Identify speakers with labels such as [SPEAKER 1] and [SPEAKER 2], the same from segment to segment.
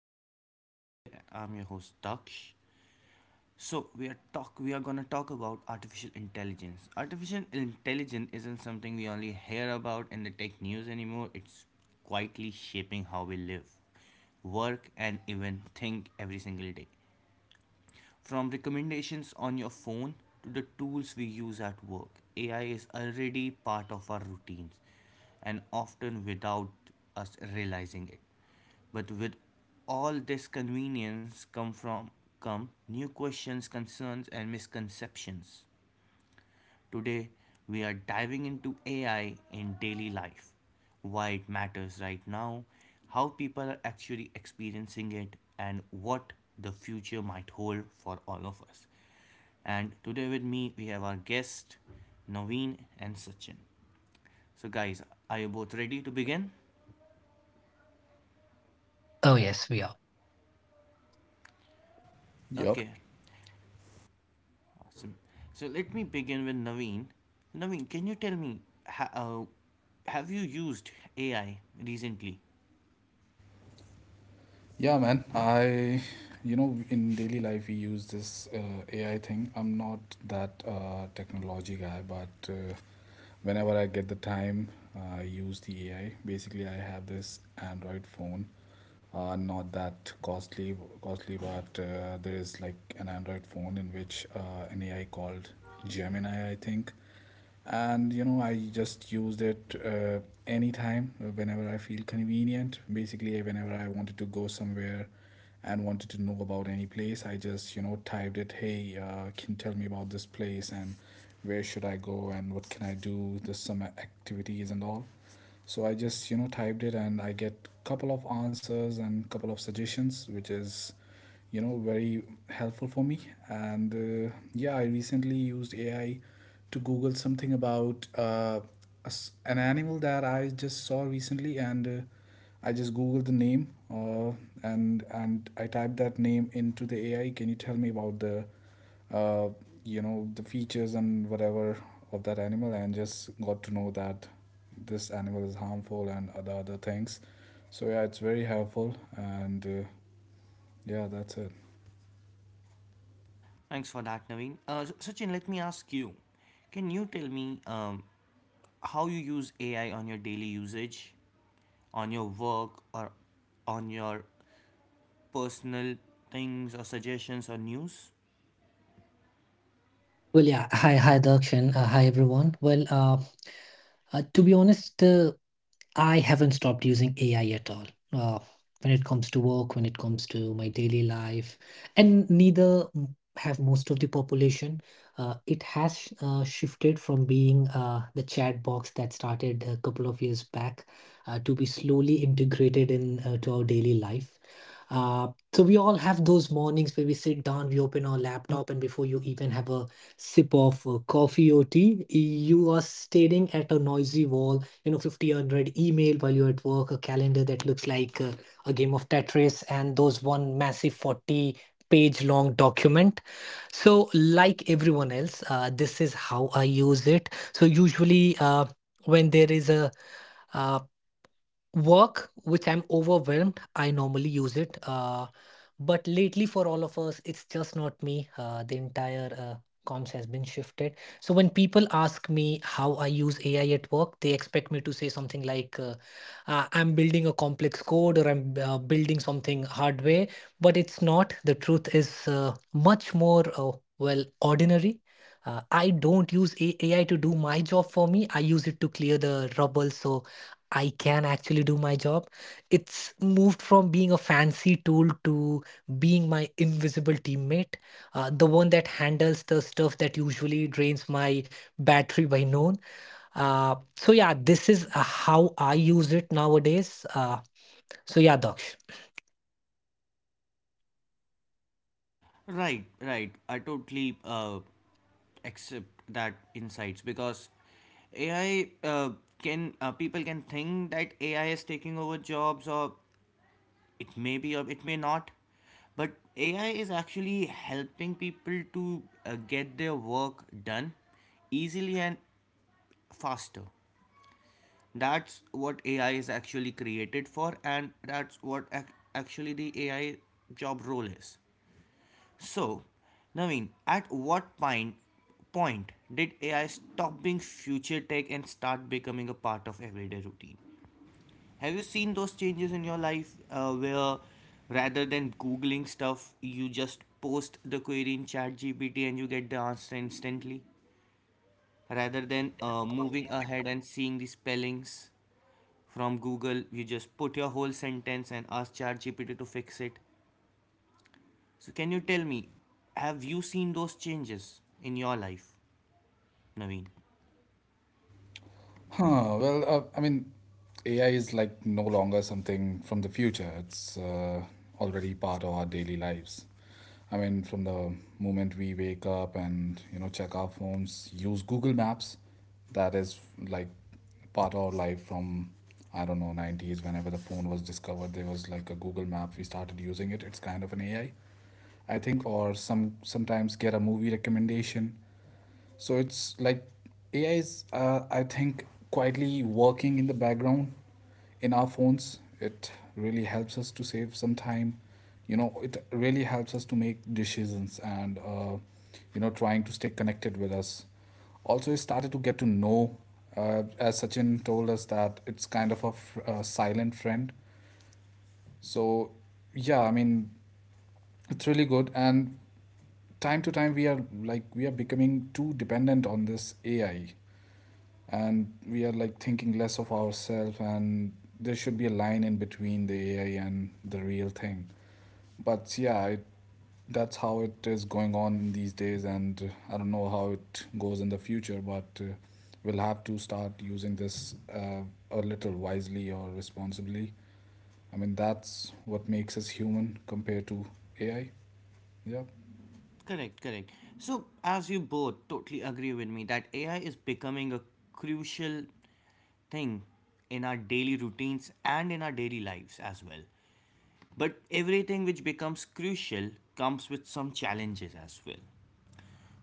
[SPEAKER 1] our podcast today. I'm your host Daksh. So we are gonna talk about artificial intelligence. Artificial intelligence isn't something we only hear about in the tech news anymore. It's quietly shaping how we live, work and even think every single day. From recommendations on your phone to the tools we use at work, AI is already part of our routines and often without us realizing it. But with all this convenience come new questions, concerns and misconceptions. Today, we are diving into AI in daily life, why it matters right now, how people are actually experiencing it, and what the future might hold for all of us. And today, with me, we have our guest, Naveen and Sachin. So, guys, are you both ready to begin?
[SPEAKER 2] Yep.
[SPEAKER 1] Okay, awesome. So, let me begin with Naveen. Naveen, can you tell me, ha- uh, have you used AI recently?
[SPEAKER 2] Yeah, man. In daily life we use this AI thing. I'm not that technology guy, but whenever I get the time, I use the AI. Basically, I have this Android phone. Not that costly, but there is like an Android phone in which an AI called Gemini, I think. I just used it anytime, whenever I feel convenient. Basically, whenever I wanted to go somewhere and wanted to know about any place, I just typed it. Hey, can you tell me about this place and where should I go and what can I do? There's some activities and all, so I just typed it and I get couple of answers and couple of suggestions, which is very helpful for me. And yeah, I recently used AI to google something about an animal that I just saw recently. And I just googled the name, and I typed that name into the AI. Can you tell me about the, uh, the features and whatever of that animal? And just got to know that this animal is harmful and other things. So yeah, it's very helpful, and yeah, that's it.
[SPEAKER 1] Thanks for that, Naveen. Sachin, let me ask you, can you tell me, how you use AI on your daily usage, on your work, or on your personal things, or suggestions, or news? Right, right. I totally accept that insights because AI can people can think that AI is taking over jobs, or it may be or it may not, but AI is actually helping people to get their work done easily and faster. That's what AI is actually created for, and that's what actually the AI job role is. So Naveen, at what point did AI stop being future tech and start becoming a part of everyday routine? Have you seen those changes in your life, where rather than Googling stuff, you just post the query in ChatGPT and you get the answer instantly? Rather than moving ahead and seeing the spellings from Google, you just put your whole sentence and ask ChatGPT to fix it. So, can you tell me, have you seen those changes in your life, Naveen?
[SPEAKER 2] Well, I mean, AI is like no longer something from the future. It's already part of our daily lives. I mean, from the moment we wake up and check our phones, use Google Maps, that is like part of our life from, I don't know, 90s whenever the phone was discovered. There was like a Google Map. We started using it. It's kind of an AI, I think, or sometimes get a movie recommendation. So it's like AI is I think quietly working in the background in our phones. It really helps us to save some time. You know, it really helps us to make decisions, and trying to stay connected with us. Also, I started to get to know, as Sachin told us, that it's kind of a silent friend. So yeah, I mean, it's really good, and time to time we are becoming too dependent on this AI, and we are like thinking less of ourselves. And there should be a line in between the AI and the real thing. But yeah, that's how it is going on these days, and I don't know how it goes in the future, but we'll have to start using this, a little wisely or responsibly. I mean, that's what makes us human compared to AI. Yeah.
[SPEAKER 1] Correct, correct. So, as you both totally agree with me that AI is becoming a crucial thing in our daily routines and in our daily lives as well. But everything which becomes crucial comes with some challenges as well.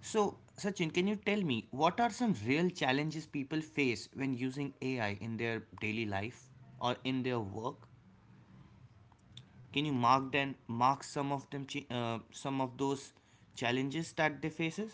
[SPEAKER 1] So, Sachin, can you tell me, what are some real challenges people face when using AI in their daily life or in their work? Can you mark them, mark some of them, some of those challenges that they faces?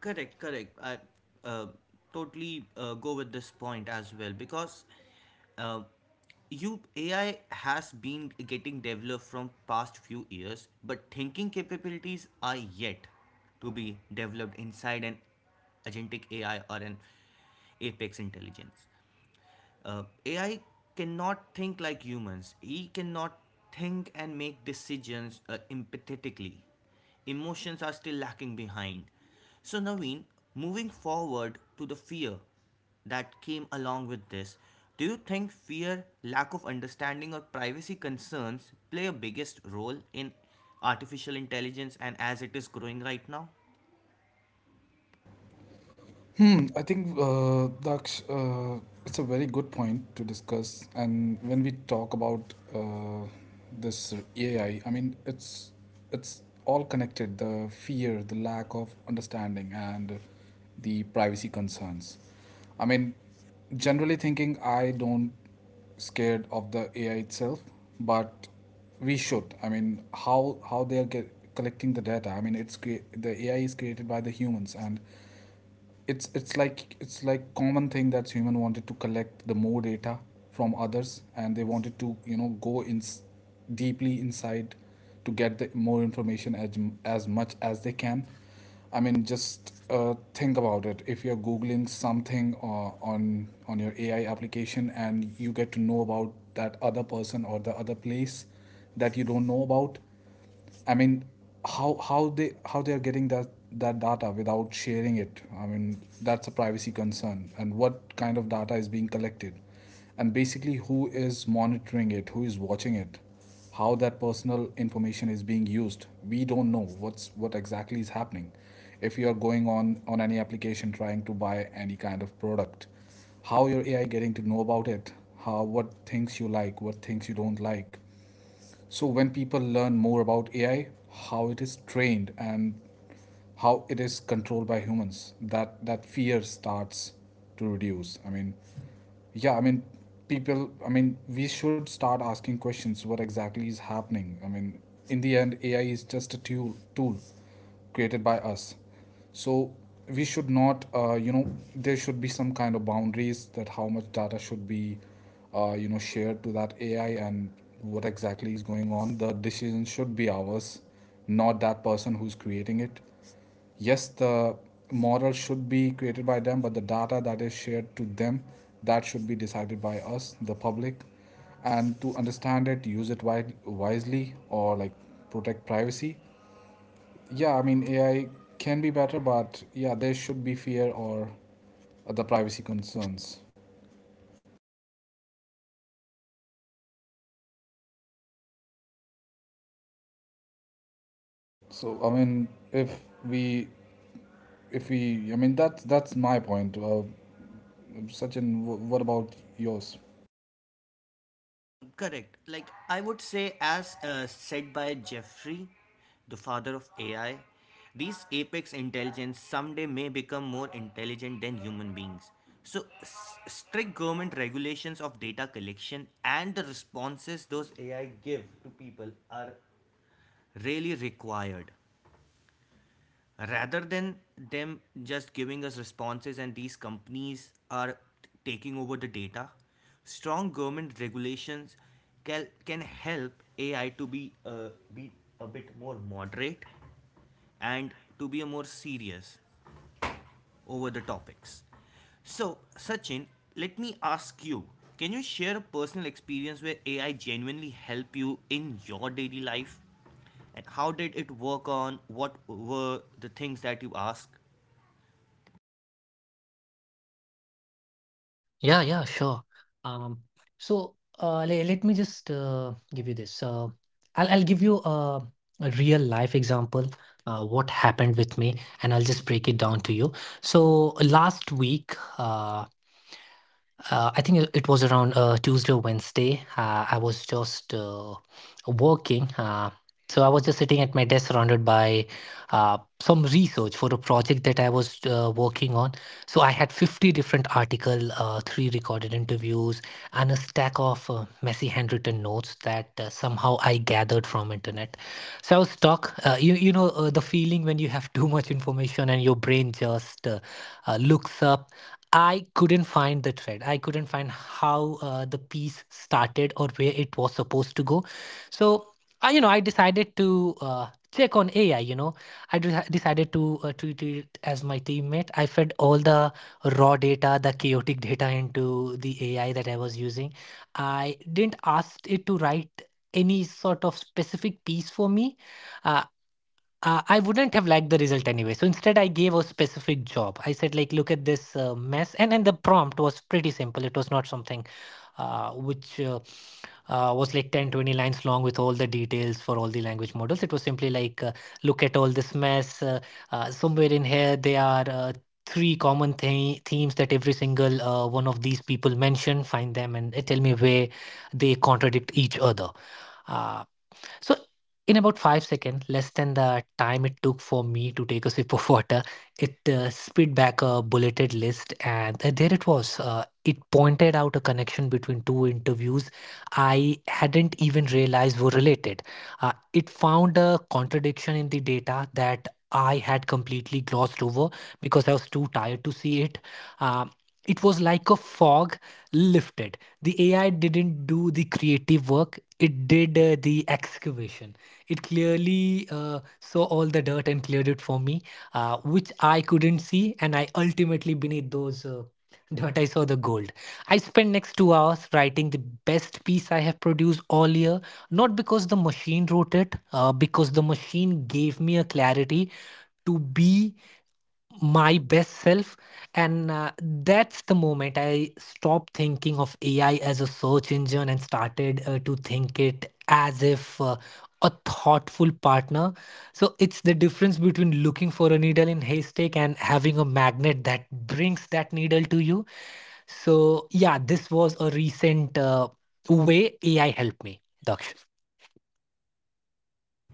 [SPEAKER 1] Correct, correct. I uh, totally go with this point as well, because uh, you AI has been getting developed from past few years, but thinking capabilities are yet to be developed inside an agentic AI or an apex intelligence. AI cannot think like humans. He cannot think and make decisions empathetically. Emotions are still lacking behind. So, Naveen, moving forward to the fear that came along with this, do you think fear, lack of understanding, or privacy concerns play a biggest role in artificial intelligence and as it is growing right now?
[SPEAKER 2] I think Daksh, it's a very good point to discuss. And when we talk about this AI, I mean, it's all connected. The fear, the lack of understanding, and the privacy concerns. I mean, generally thinking, I don't scared of the AI itself, but we should. I mean, how they are collecting the data. I mean, the AI is created by the humans, and it's like common thing that human wanted to collect the more data from others, and they wanted to go in deeply inside to get the more information as much as they can. I mean, just think about it. If you're googling something on your AI application and you get to know about that other person or the other place that you don't know about, I mean, how they are getting that data without sharing it? I mean, that's a privacy concern. And what kind of data is being collected? And basically, who is monitoring it? Who is watching it? How that personal information is being used? We don't know what exactly is happening. If you are going on any application trying to buy any kind of product, how your AI getting to know about it? How what things you like, what things you don't like? So when people learn more about AI, how it is trained and how it is controlled by humans, that fear starts to reduce. I mean, yeah, I mean, people, I mean, we should start asking questions. What exactly is happening? I mean, in the end, AI is just a tool. Tool created by us. So we should not, there should be some kind of boundaries that how much data should be shared to that AI. And what exactly is going on, the decision should be ours, not that person who's creating it. Yes, the model should be created by them, but the data that is shared to them, that should be decided by us, the public. And to understand it, use it wisely, or like, protect privacy. Yeah, I mean, AI can be better, but yeah, there should be fear or the privacy concerns. So I mean, if we, I mean, that's my point. Sachin, what about yours?
[SPEAKER 1] No, correct. Like I would say, as said by Jeffrey, the father of AI, these apex intelligence someday may become more intelligent than human beings. So, strict government regulations of data collection and the responses those AI give to people are really required, rather than them just giving us responses and these companies are taking over the data. Strong government regulations can help AI to be a bit more moderate and to be a more serious over the topics. So Sachin, let me ask you, can you share a personal experience where AI genuinely helped you in your daily life, and how did it work, on what were the things that you asked?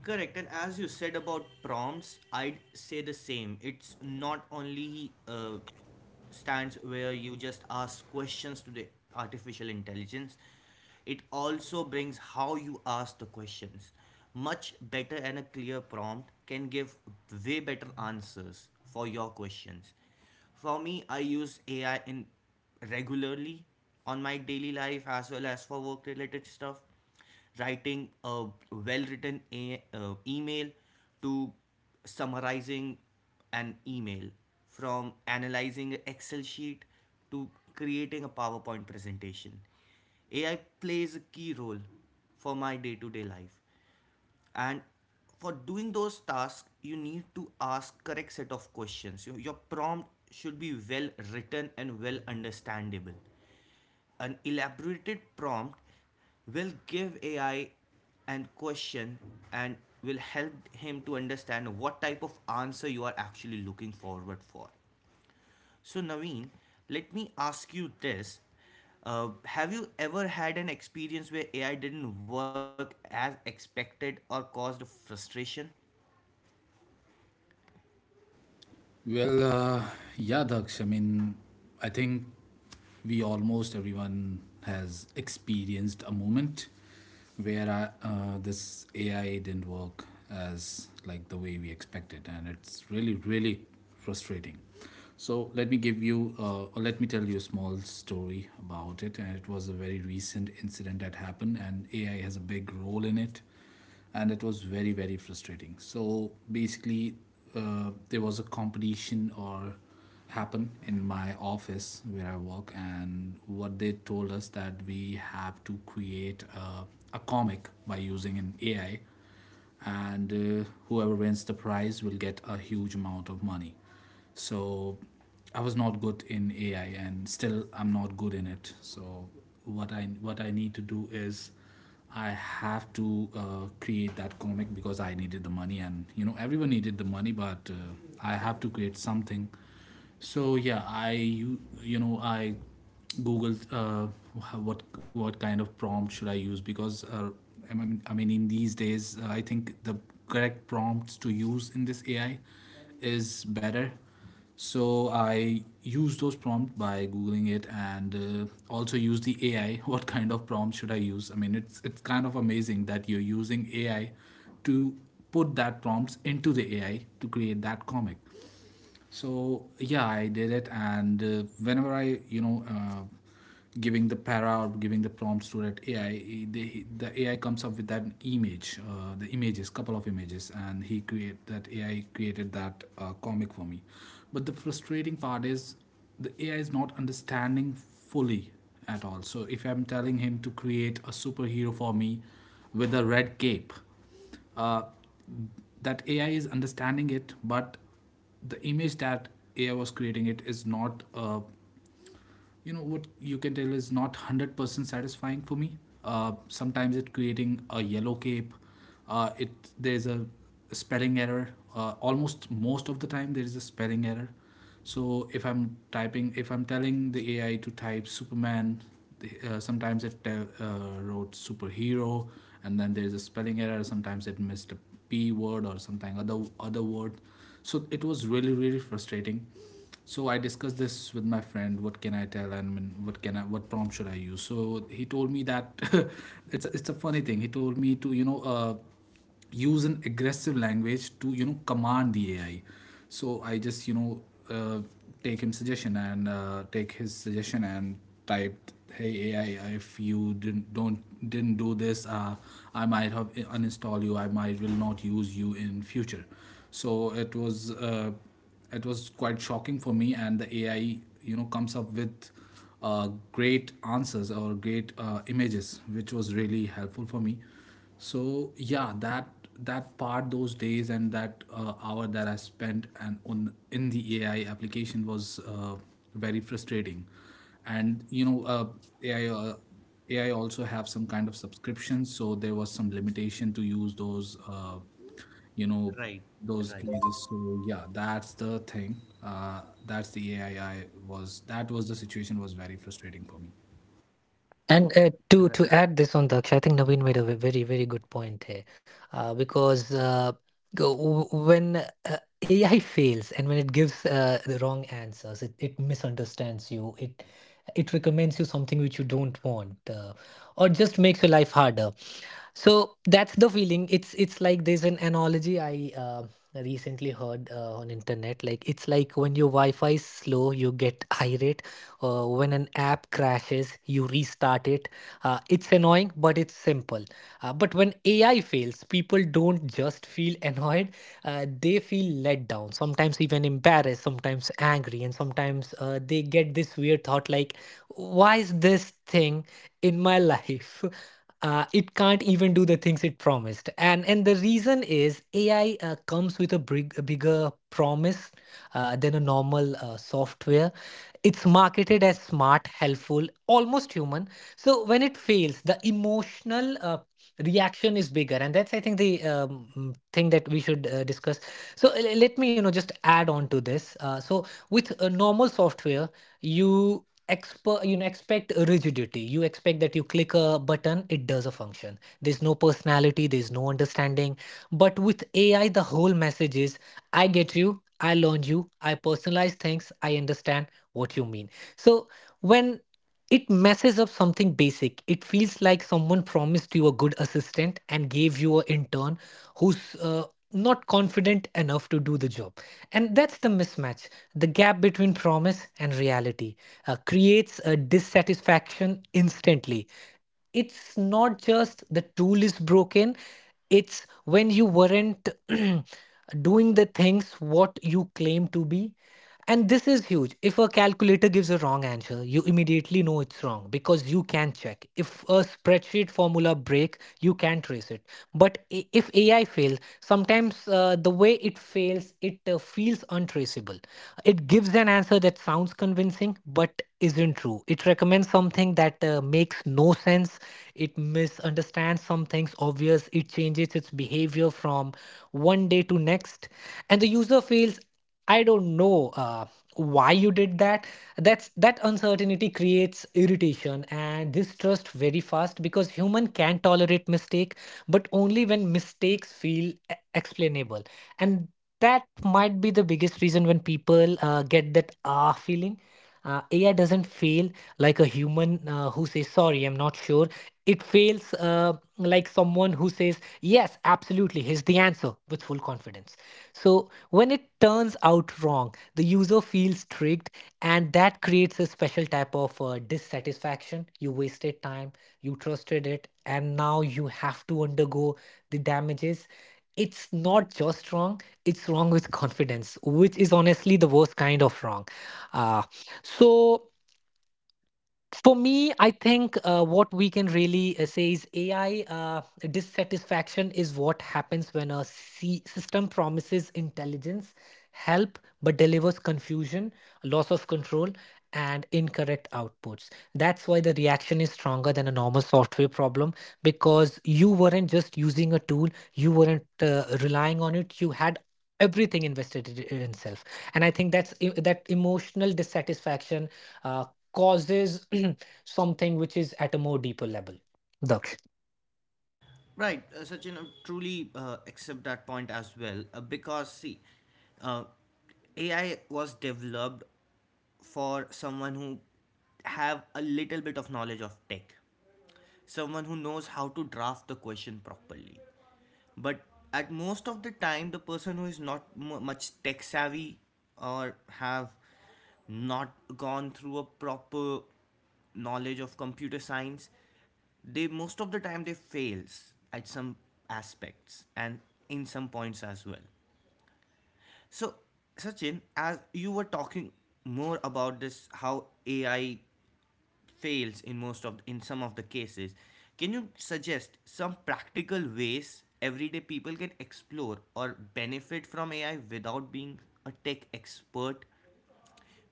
[SPEAKER 1] Correct, and as you said about prompts, I'd say the same. It's not only stands where you just ask questions to the artificial intelligence, it also brings how you ask the questions. Much better and a clear prompt can give way better answers for your questions. For me, I use AI in regularly on my daily life as well as for work related stuff, writing a well written email, to summarizing an email, from analyzing an Excel sheet to creating a PowerPoint presentation. AI plays a key role for my day to day life. And for doing those tasks, you need to ask correct set of questions. Your prompt should be well written and well understandable. An elaborated prompt will give AI an question and will help him to understand what type of answer you are actually looking forward for. So, Naveen, let me ask you this. Have you ever had an experience where AI didn't work as expected or caused frustration?
[SPEAKER 2] Well, yeah, Daksh. I mean, I think we, almost everyone, has experienced a moment where this AI didn't work as like the way we expected, and it's really, really frustrating. So let me give you, or let me tell you a small story about it. And it was a very recent incident that happened, and AI has a big role in it, and it was very, very frustrating. So basically, there was a competition or happen in my office where I work, and what they told us that we have to create a comic by using an AI. And whoever wins the prize will get a huge amount of money. So I was not good in AI, and still I'm not good in it. So what I need to do is, I have to create that comic because I needed the money, and you know everyone needed the money, but I have to create something. So yeah, you know, I googled what kind of prompt should I use, because I mean in these days I think the correct prompts to use in this AI is better. So I used those prompts by googling it, and also use the AI. What kind of prompt should I use? I mean, it's kind of amazing that you're using AI to put that prompts into the AI to create that comic. So yeah, I did it, and whenever I giving the para or giving the prompts to that AI, the AI comes up with that image, the images, couple of images, and he create, that AI created that comic for me. But the frustrating part is the AI is not understanding fully at all. So if I'm telling him to create a superhero for me with a red cape, uh, that AI is understanding it, but the image that AI was creating it is not, you know, what you can tell, is not 100% satisfying for me. Sometimes it creating a yellow cape. It There's a spelling error. Almost most of the time there is a spelling error. So if I'm typing, if I'm telling the AI to type superman, sometimes it tell, wrote superhero. And then there's a spelling error. Sometimes it missed a P word or something other word. So it was really, really frustrating. So I discussed this with my friend, what can I tell, and what can I, what prompt should I use? So he told me that, it's a funny thing. He told me to, use an aggressive language to command the AI. So I just, uh, take his suggestion, and typed, hey AI, if you didn't don't didn't do this, I might have uninstall you, I might will not use you in future. So, it was uh, it was quite shocking for me, and the AI, you know, comes up with great answers or great images, which was really helpful for me. So yeah, that part, those days, and that hour that I spent and on in the AI application was very frustrating. And you know, ai uh, AI also have some kind of subscriptions, so there was some limitation to use those, you know,
[SPEAKER 1] Right,
[SPEAKER 2] those
[SPEAKER 1] right,
[SPEAKER 2] images. So yeah, that's the thing. That's the AI, I was, that was the situation was very frustrating for me.
[SPEAKER 1] right. Right, Sachin, I truly accept that point as well, because see, uh, AI was developed for someone who have a little bit of knowledge of tech, someone who knows how to draft the question properly. But at most of the time, the person who is not much tech savvy or have not gone through a proper knowledge of computer science, they most of the time they fails at some aspects and in some points as well. So Sachin, as you were talking more about this, how AI fails in most of, in some of the cases, can you suggest some practical ways everyday people can explore or benefit from AI without being a tech expert,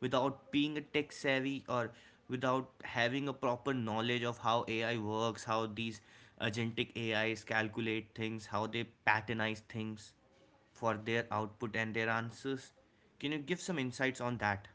[SPEAKER 1] without being a tech savvy, or without having a proper knowledge of how AI works, how these agentic AIs calculate things, how they patternize things for their output and their answers? Can you give some insights on that?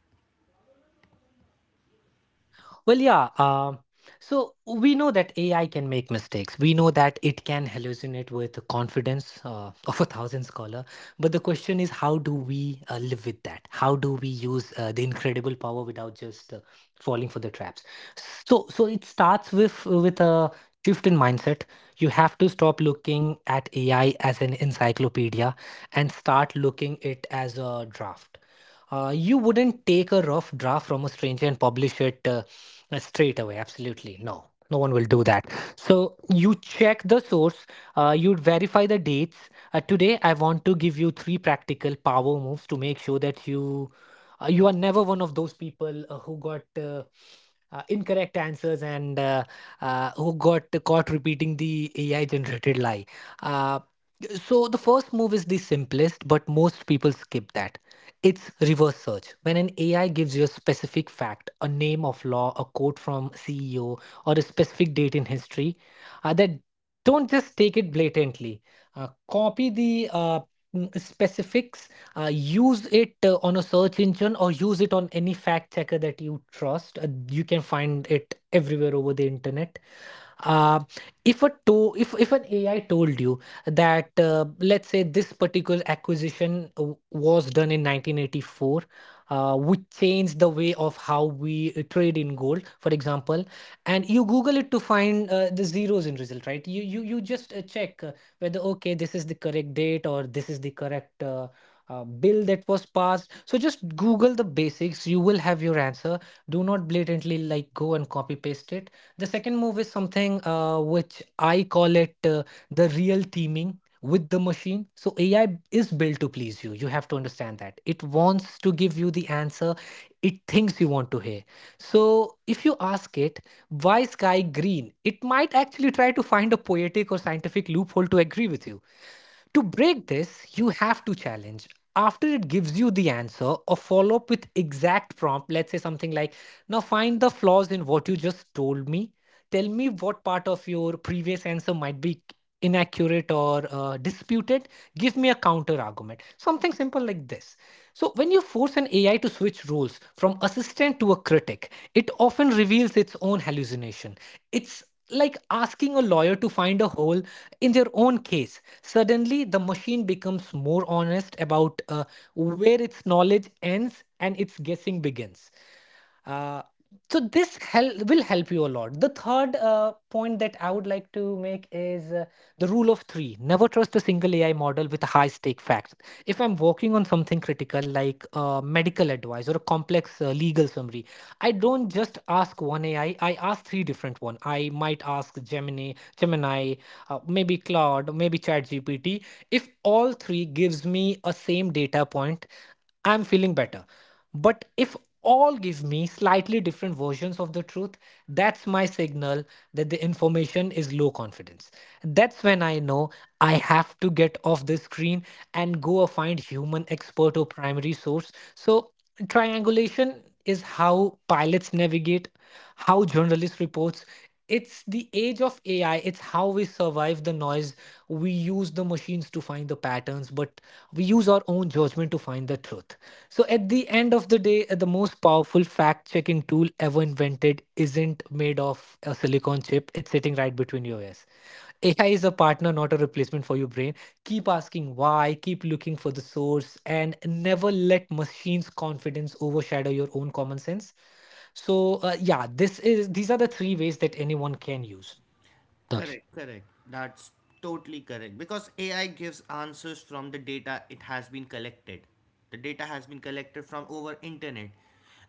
[SPEAKER 1] Correct, correct. That's totally correct. Because AI gives answers from the data it has been collected. The data has been collected from over internet.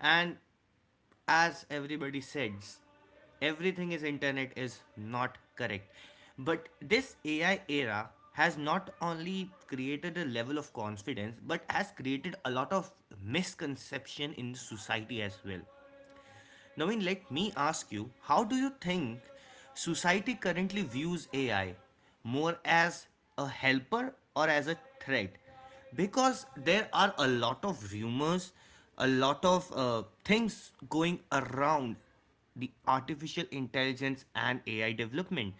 [SPEAKER 1] And as everybody says, everything is internet is not correct. But this AI era has not only created a level of confidence but has created a lot of misconception in society as well. Naveen, let me ask you, how do you think society currently views AI, more as a helper or as a threat? Because there are a lot of rumors, a lot of things going around the artificial intelligence and AI development.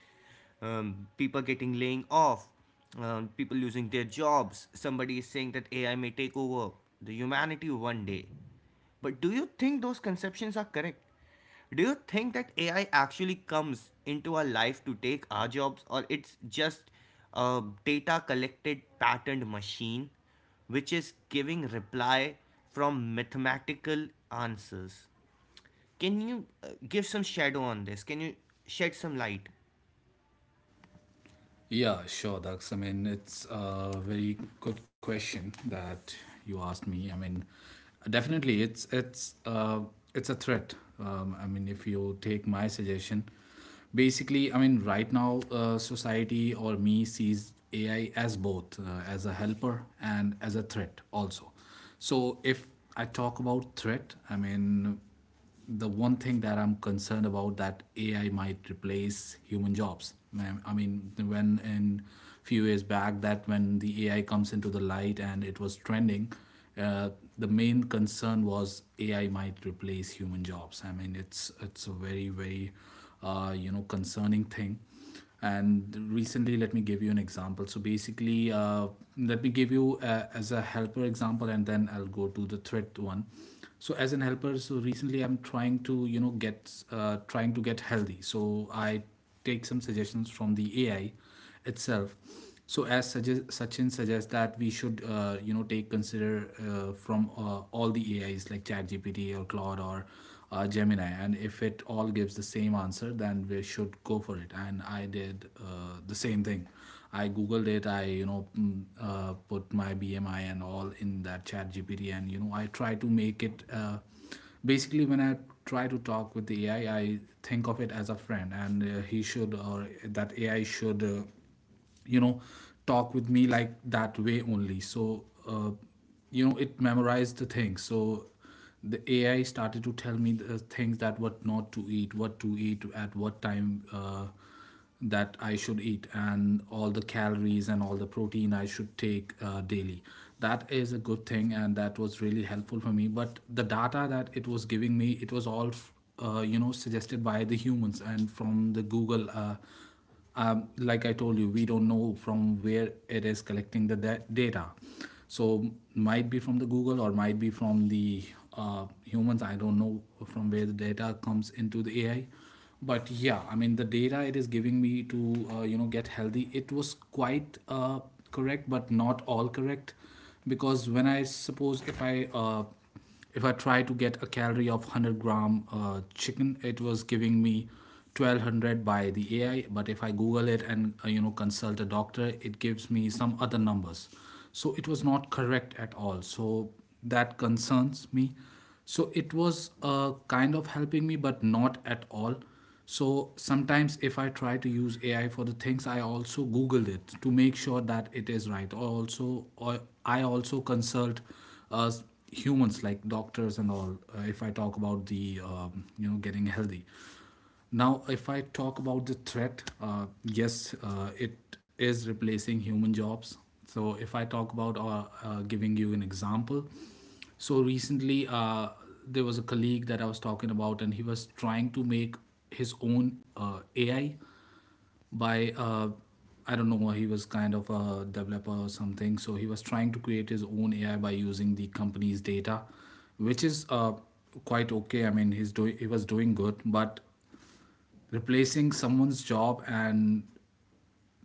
[SPEAKER 1] People getting laying off, people losing their jobs. Somebody is saying that AI may take over the humanity one day. But do you think those conceptions are correct? Do you think that AI actually comes into our life to take our jobs, or it's just a data collected patterned machine which is giving reply from mathematical answers? Can you give some shadow on this? Can you shed some light?
[SPEAKER 2] Yeah, sure, Dax. I mean, it's a very good question that you asked me. I mean, definitely, it's a threat. I mean, if you take my suggestion, basically, I mean, right now, society or me sees AI as both as a helper and as a threat also. So, if I talk about threat, I mean, the one thing that I'm concerned about that AI might replace human jobs. I mean, when in few years back, that when the AI comes into the light and it was trending, uh, the main concern was AI might replace human jobs. I mean, it's a very very concerning thing. And recently, let me give you an example. So basically, let me give you as a helper example, and then I'll go to the threat one. So as an helper, so recently I'm trying to get trying to get healthy, so I take some suggestions from the AI itself. So as suggest, Sachin suggests that we should take consider from all the AIs like ChatGPT or Claude or Gemini, and if it all gives the same answer, then we should go for it. And I did the same thing. I googled it. I put my BMI and all in that ChatGPT, and I try to make it basically when I try to talk with the AI I think of it as a friend, and he should or that AI should you know talk with me like that way only. So it memorized the things, so the AI started to tell me the things that what not to eat, what to eat at what time, that I should eat, and all the calories and all the protein I should take daily. That is a good thing, and that was really helpful for me. But the data that it was giving me, it was all, suggested by the humans and from the Google like I told you, we don't know from where it is collecting the data. So might be from the Google or might be from the humans. I don't know from where the data comes into the AI. But yeah, I mean the data it is giving me to get healthy. It was quite correct, but not all correct, because when I suppose if I try to get a calorie of 100 gram chicken, it was giving me 1200 by the AI. But if I Google it and consult a doctor, it gives me some other numbers. So it was not correct at all. So that concerns me. So it was kind of helping me, but not at all. So sometimes if I try to use AI for the things, I also Googled it to make sure that it is right. Or also, or I also consult uh, humans like doctors and all. If I talk about the getting healthy, now, if I talk about the threat, yes, it is replacing human jobs. So, if I talk about giving you an example, so recently there was a colleague that I was talking about, and he was trying to make his own AI by I don't know, he was kind of a developer or something. So, he was trying to create his own AI by using the company's data, which is quite okay. I mean, he was doing good, but replacing someone's job, and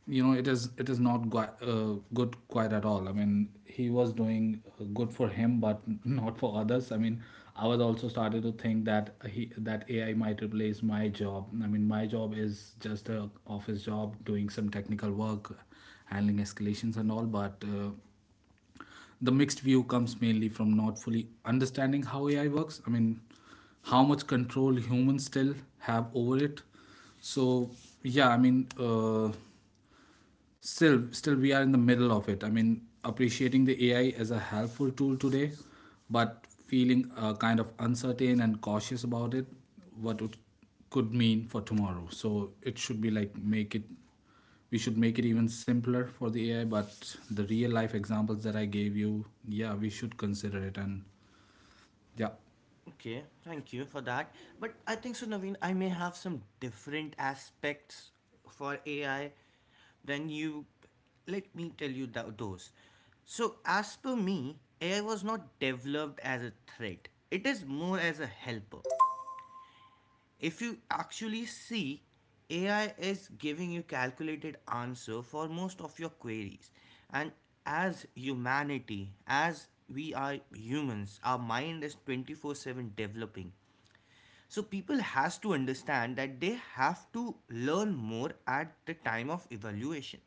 [SPEAKER 2] it is not good quite at all. I mean, he was doing good for him, but not for others. I mean, I was also started to think that he that AI might replace my job. I mean, my job is just a office job doing some technical work, handling escalations and all, but the mixed view comes mainly from not fully understanding how AI works. I mean, how much control humans still have over it. So yeah, I mean, still we are in the middle of it. I mean, appreciating the AI as a helpful tool today, but feeling kind of uncertain and cautious about it, what it could mean for tomorrow. So it should be like make it, we should make it even simpler for the AI, but the real life examples that I gave you, yeah, we should consider it. And yeah.
[SPEAKER 1] Okay, thank you for that. But I think so, Naveen, I may have some different aspects for AI than you. Let me tell you those. So, as per me, AI was not developed as a threat, it is more as a helper. If you actually see, AI is giving you calculated answer for most of your queries. And as humanity, as we are humans, our mind is 24/7 developing. So people has to understand that they have to learn more at the time of evaluation.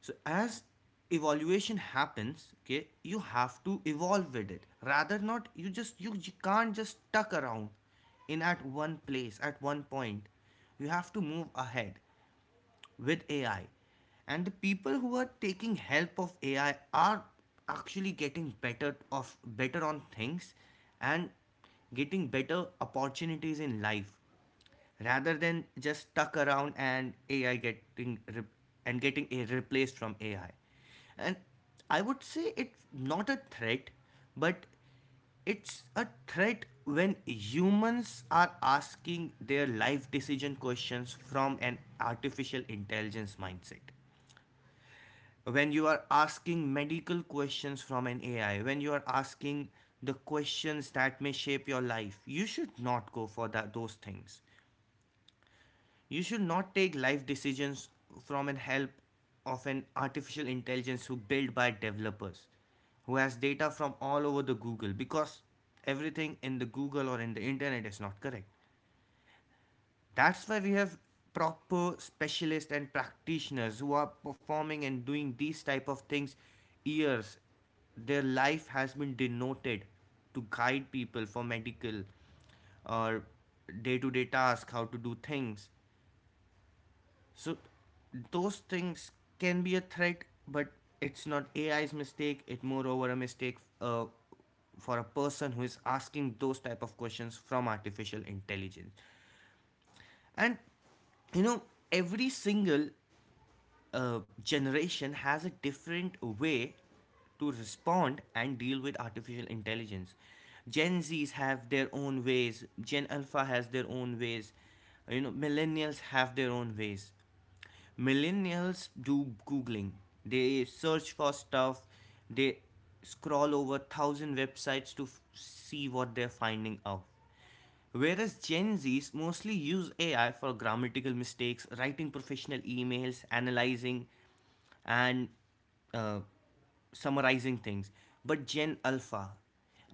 [SPEAKER 1] So as evaluation happens, okay, you have to evolve with it. Rather not you just you can't just tuck around in at one place at one point. You have to move ahead with AI. And the people who are taking help of AI are actually getting better of better on things and getting better opportunities in life, rather than just stuck around and AI getting a replaced from AI. And I would say it's not a threat, but it's a threat when humans are asking their life decision questions from an artificial intelligence mindset. When you are asking medical questions from an AI, when you are asking the questions that may shape your life, you should not go for that, those things. You should not take life decisions from an help of an artificial intelligence who built by developers, who has data from all over the Google, because everything in the Google or in the internet is not correct. That's why we have proper specialists and practitioners who are performing and doing these type of things years. Their life has been denoted to guide people for medical or day-to-day task, how to do things. So those things can be a threat, but it's not AI's mistake. It moreover a mistake for a person who is asking those type of questions from artificial intelligence. And you know, every single generation has a different way to respond and deal with artificial intelligence. Gen Zs have their own ways, Gen Alpha has their own ways, you know, millennials have their own ways. Millennials do Googling, they search for stuff, they scroll over thousand websites to see what they're finding out. Whereas Gen Zs mostly use AI for grammatical mistakes, writing professional emails, analyzing, and uh, summarizing things. But Gen Alpha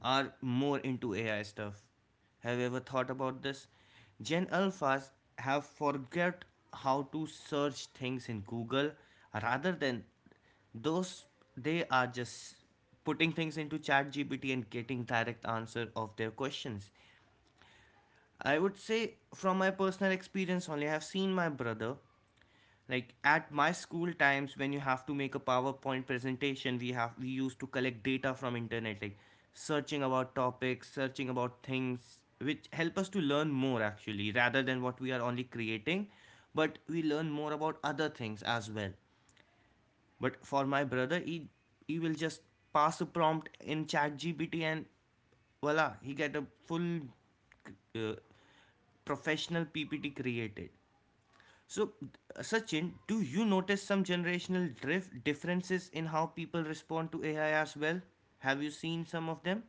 [SPEAKER 1] are more into AI stuff. Have you ever thought about this? Gen Alphas have forget how to search things in Google rather than those, they are just putting things into ChatGPT and getting direct answer of their questions. I would say from my personal experience only, I have seen my brother, like at my school times when you have to make a PowerPoint presentation, we used to collect data from internet, like searching about topics, searching about things which help us to learn more actually rather than what we are only creating, but we learn more about other things as well. But for my brother, he will just pass a prompt in ChatGPT, and voila, he get a full uh, professional PPT created. So, Sachin, do you notice some generational drift differences in how people respond to AI as well? Have you seen some of them?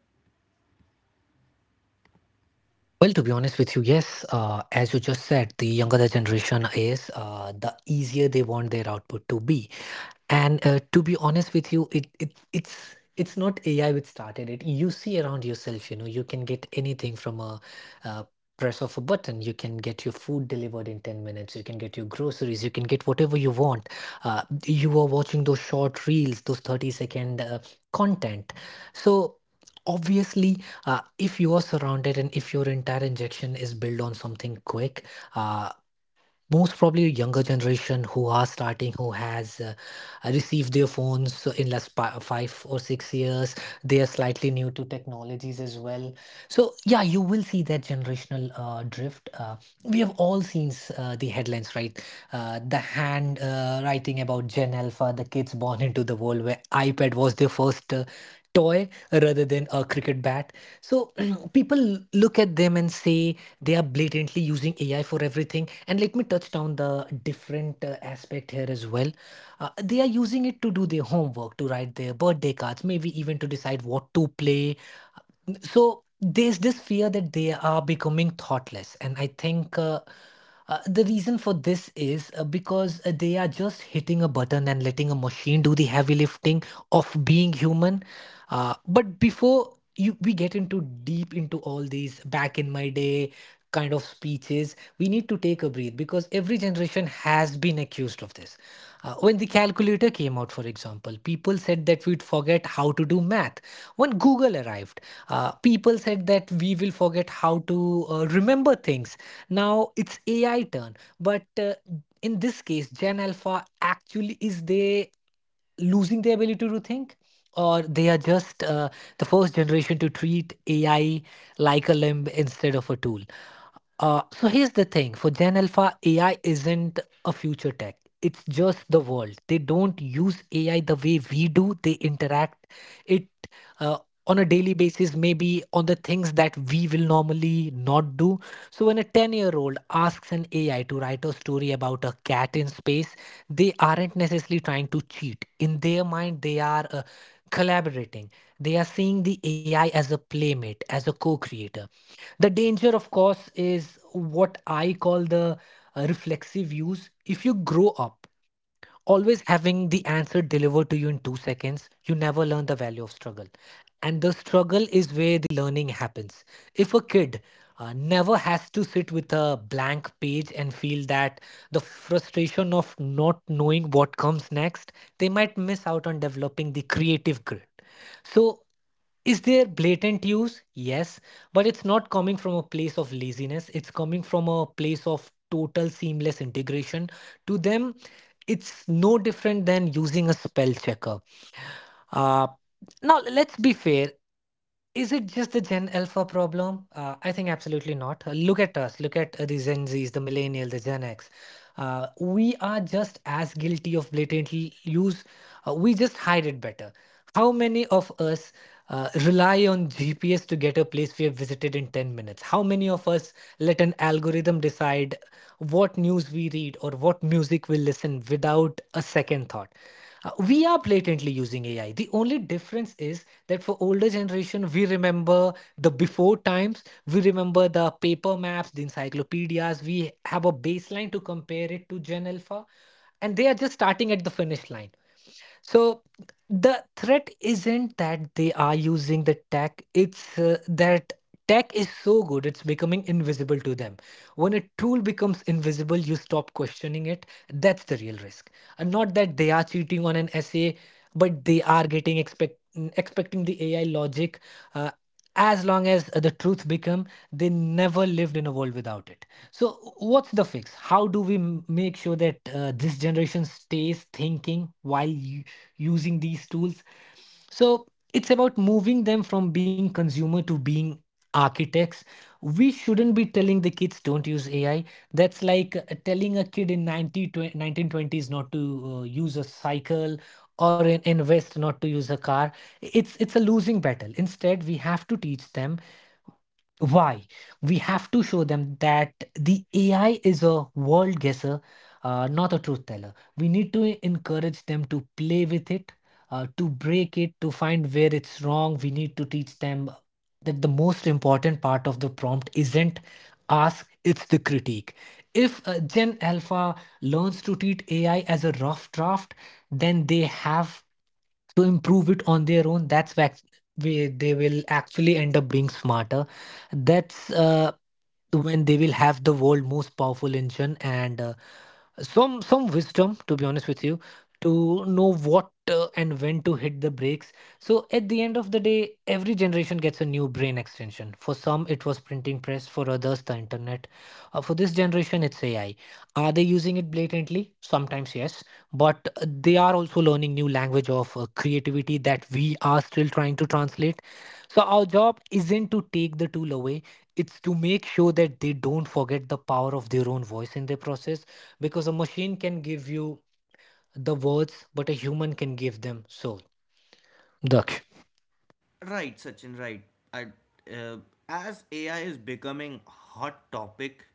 [SPEAKER 1] Right, Sachin. Right. I, uh, as AI is becoming a hot topic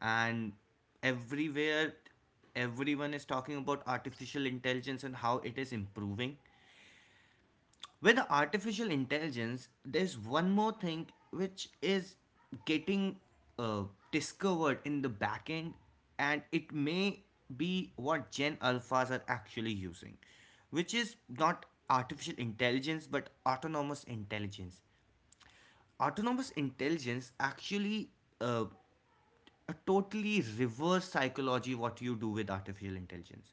[SPEAKER 1] and everywhere, everyone is talking about artificial intelligence and how it is improving. With the artificial intelligence there's one more thing which is getting uh, discovered in the backend, and it may be what Gen Alphas are actually using, which is not artificial intelligence but autonomous intelligence. Autonomous intelligence actually, uh, a totally reverse psychology what you do with artificial intelligence.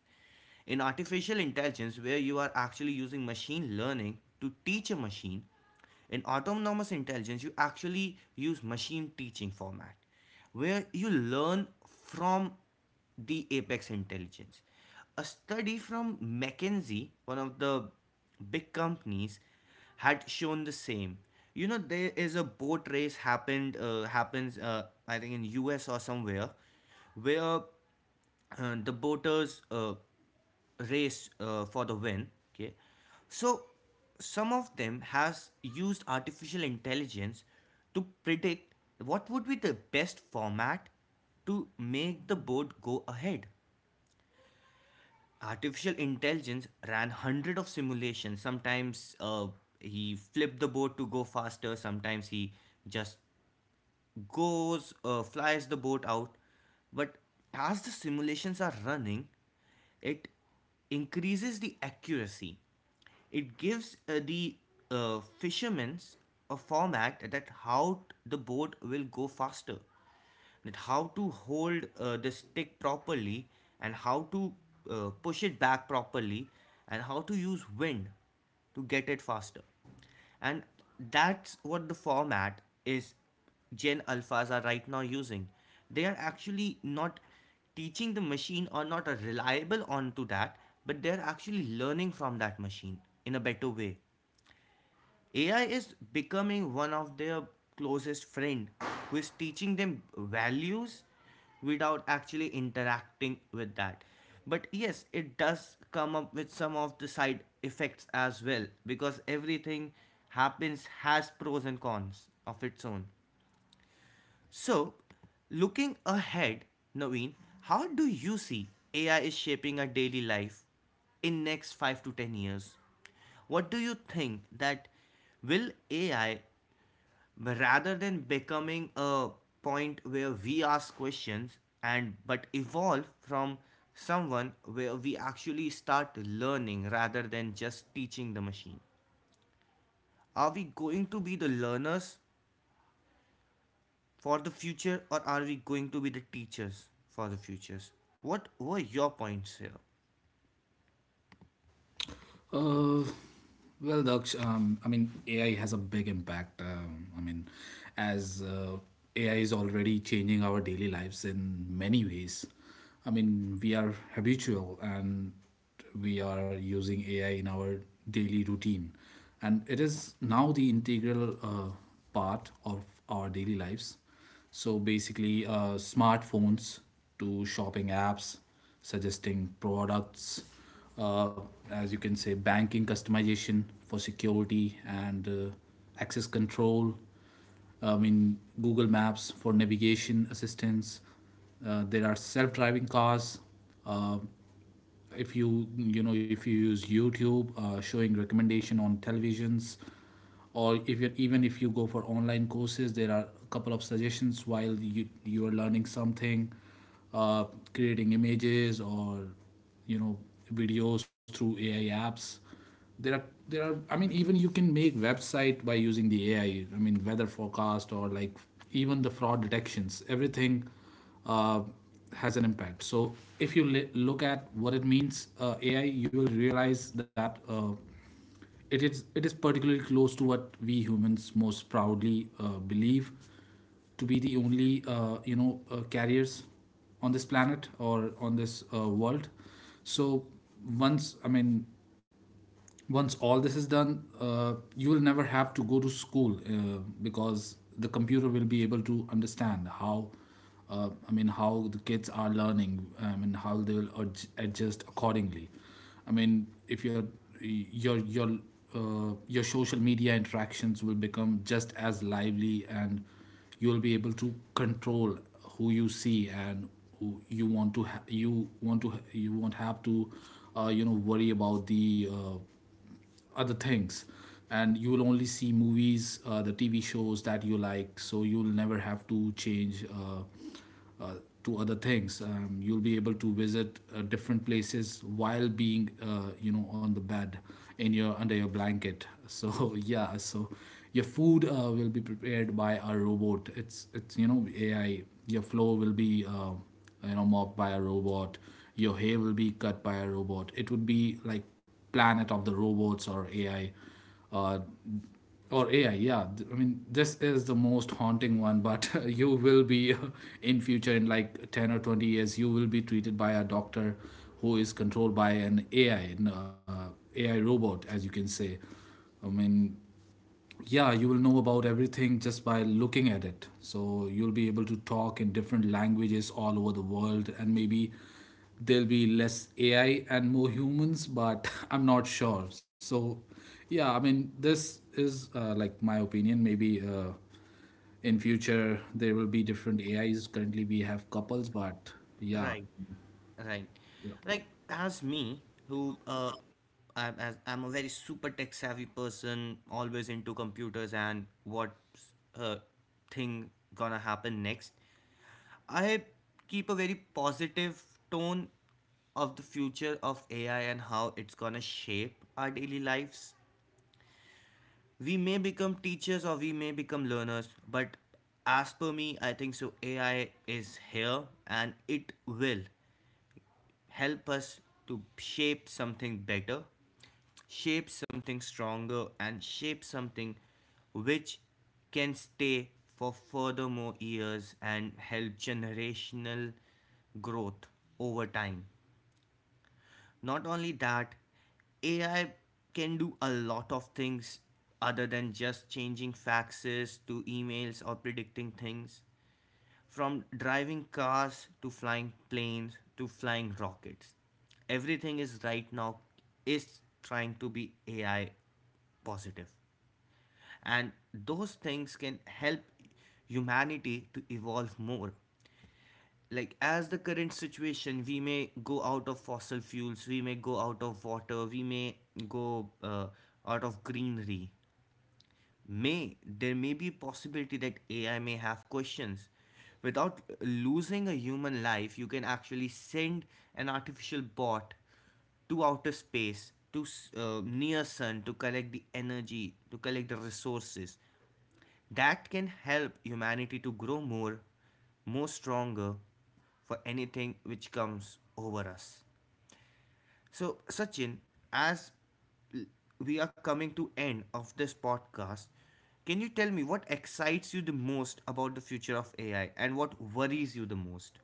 [SPEAKER 1] In artificial intelligence where you are actually using machine learning to teach a machine, in autonomous intelligence you actually use machine teaching format, where you learn from the apex intelligence. A study from McKinsey, one of the big companies, had shown the same. You know, there is a boat race happened happens I think in US or somewhere, where the boaters race for the win. Okay, so some of them has used artificial intelligence to predict what would be the best format to make the boat go ahead. Artificial intelligence ran hundred of simulations. Sometimes he flipped the boat to go faster, sometimes he just goes flies the boat out. But as the simulations are running, it increases the accuracy. It gives the fishermen a format that how the boat will go faster, that how to hold the stick properly, and how to push it back properly, and how to use wind to get it faster. And that's what the format is. Gen Alphas are right now using. They are actually not teaching the machine or not are reliable onto that, but they're actually learning from that machine in a better way. AI is becoming one of their closest friend, who is teaching them values without actually interacting with that. But yes, it does come up with some of the side effects as well, because everything happens has pros and cons of its own. So, looking ahead, Naveen, how do you see AI is shaping our daily life in next 5 to 10 years? What do you think that will AI, rather than becoming a point where we ask questions, and but evolve from someone where we actually start learning rather than just teaching the machine? Are we going to be the learners for the future, or are we going to be the teachers for the futures? What were your points here?
[SPEAKER 2] Uh, well, Daksh, I mean, AI has a big impact. I mean, as AI is already changing our daily lives in many ways. I mean, we are habitual, and we are using AI in our daily routine. And it is now the integral part of our daily lives. So basically, smartphones to shopping apps, suggesting products, uh, as you can say, banking customization for security and access control. I mean, Google Maps for navigation assistance. There are self driving cars, uh, if you you know if you use YouTube showing recommendation on televisions, or if you're even if you go for online courses, there are a couple of suggestions while you are learning something. uh, Creating images or you know videos through AI apps, there are there are I mean, even you can make website by using the AI. I mean weather forecast, or like even the fraud detections, everything uh, has an impact. So if you look at what it means AI, you will realize that it is particularly close to what we humans most proudly believe to be the only carriers on this planet, or on this world. So once I mean, once all this is done, you will never have to go to school because the computer will be able to understand how, I mean, how the kids are learning. I mean, how they will adjust accordingly. I mean, if your your your your social media interactions will become just as lively, and you will be able to control who you see and who you want to you won't have to worry about the other things, and you will only see movies the TV shows that you like, so you'll never have to change uh, to other things. You'll be able to visit different places while being on the bed in your under your blanket so yeah. So your food will be prepared by a robot. It's you know AI. Your flow will be mopped by a robot. Your hair will be cut by a robot. It would be like planet of the robots or AI, uh, yeah. I mean, this is the most haunting one, but you will be in future in like 10 or 20 years you will be treated by a doctor who is controlled by an AI, AI robot, as you can say. I mean, yeah, you will know about everything just by looking at it, so you'll be able to talk in different languages all over the world, and maybe there'll be less AI and more humans, but I'm not sure. So yeah, I mean this is like my opinion. Maybe in future there will be different AIs, currently we have couples, but yeah.
[SPEAKER 1] Right, right. Like as me, who, I'm, as I'm a very super tech savvy person, always into computers and what's uh thing gonna happen next, I keep a very positive tone of the future of AI and how it's gonna shape our daily lives. We may become teachers or we may become learners, but as per me, I think so AI is here, and it will help us to shape something better, shape something stronger, and shape something which can stay for furthermore years and help generational growth over time. Not only that, AI can do a lot of things other than just changing faxes to emails or predicting things, from driving cars to flying planes to flying rockets. Everything is right now is trying to be AI positive, and those things can help humanity to evolve more. Like as the current situation, we may go out of fossil fuels, we may go out of water, we may go out of greenery. May there may be a possibility that AI may have questions. Without losing a human life, you can actually send an artificial bot to outer space to near sun, to collect the energy, to collect the resources that can help humanity to grow more, more stronger, for anything which comes over us. So, Sachin, as we are coming to end of this podcast, can you tell me what excites you the most about the future of AI and what worries you the most?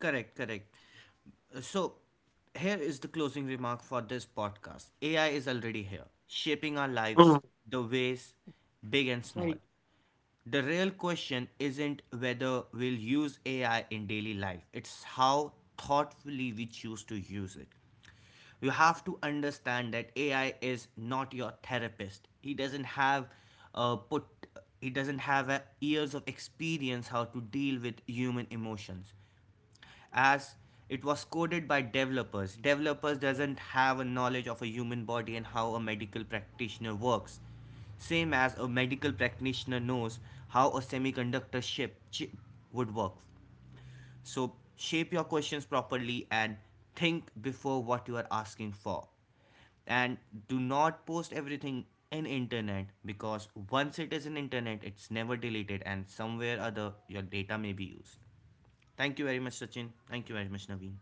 [SPEAKER 1] Correct, correct. So, here is the closing remark for this podcast. AI is already here, shaping our lives, the ways big and small. The real question isn't whether we'll use AI in daily life, it's how thoughtfully we choose to use it. You have to understand that AI is not your therapist. Uh, put he doesn't have years of experience how to deal with human emotions, as it was coded by developers. Developers doesn't have a knowledge of a human body and how a medical practitioner works. Same as a medical practitioner knows how a semiconductor chip would work. So shape your questions properly and think before what you are asking for, and do not post everything in internet, because once it is in internet, it's never deleted, and somewhere other your data may be used. Thank you very much, Sachin. Thank you very much, Naveen.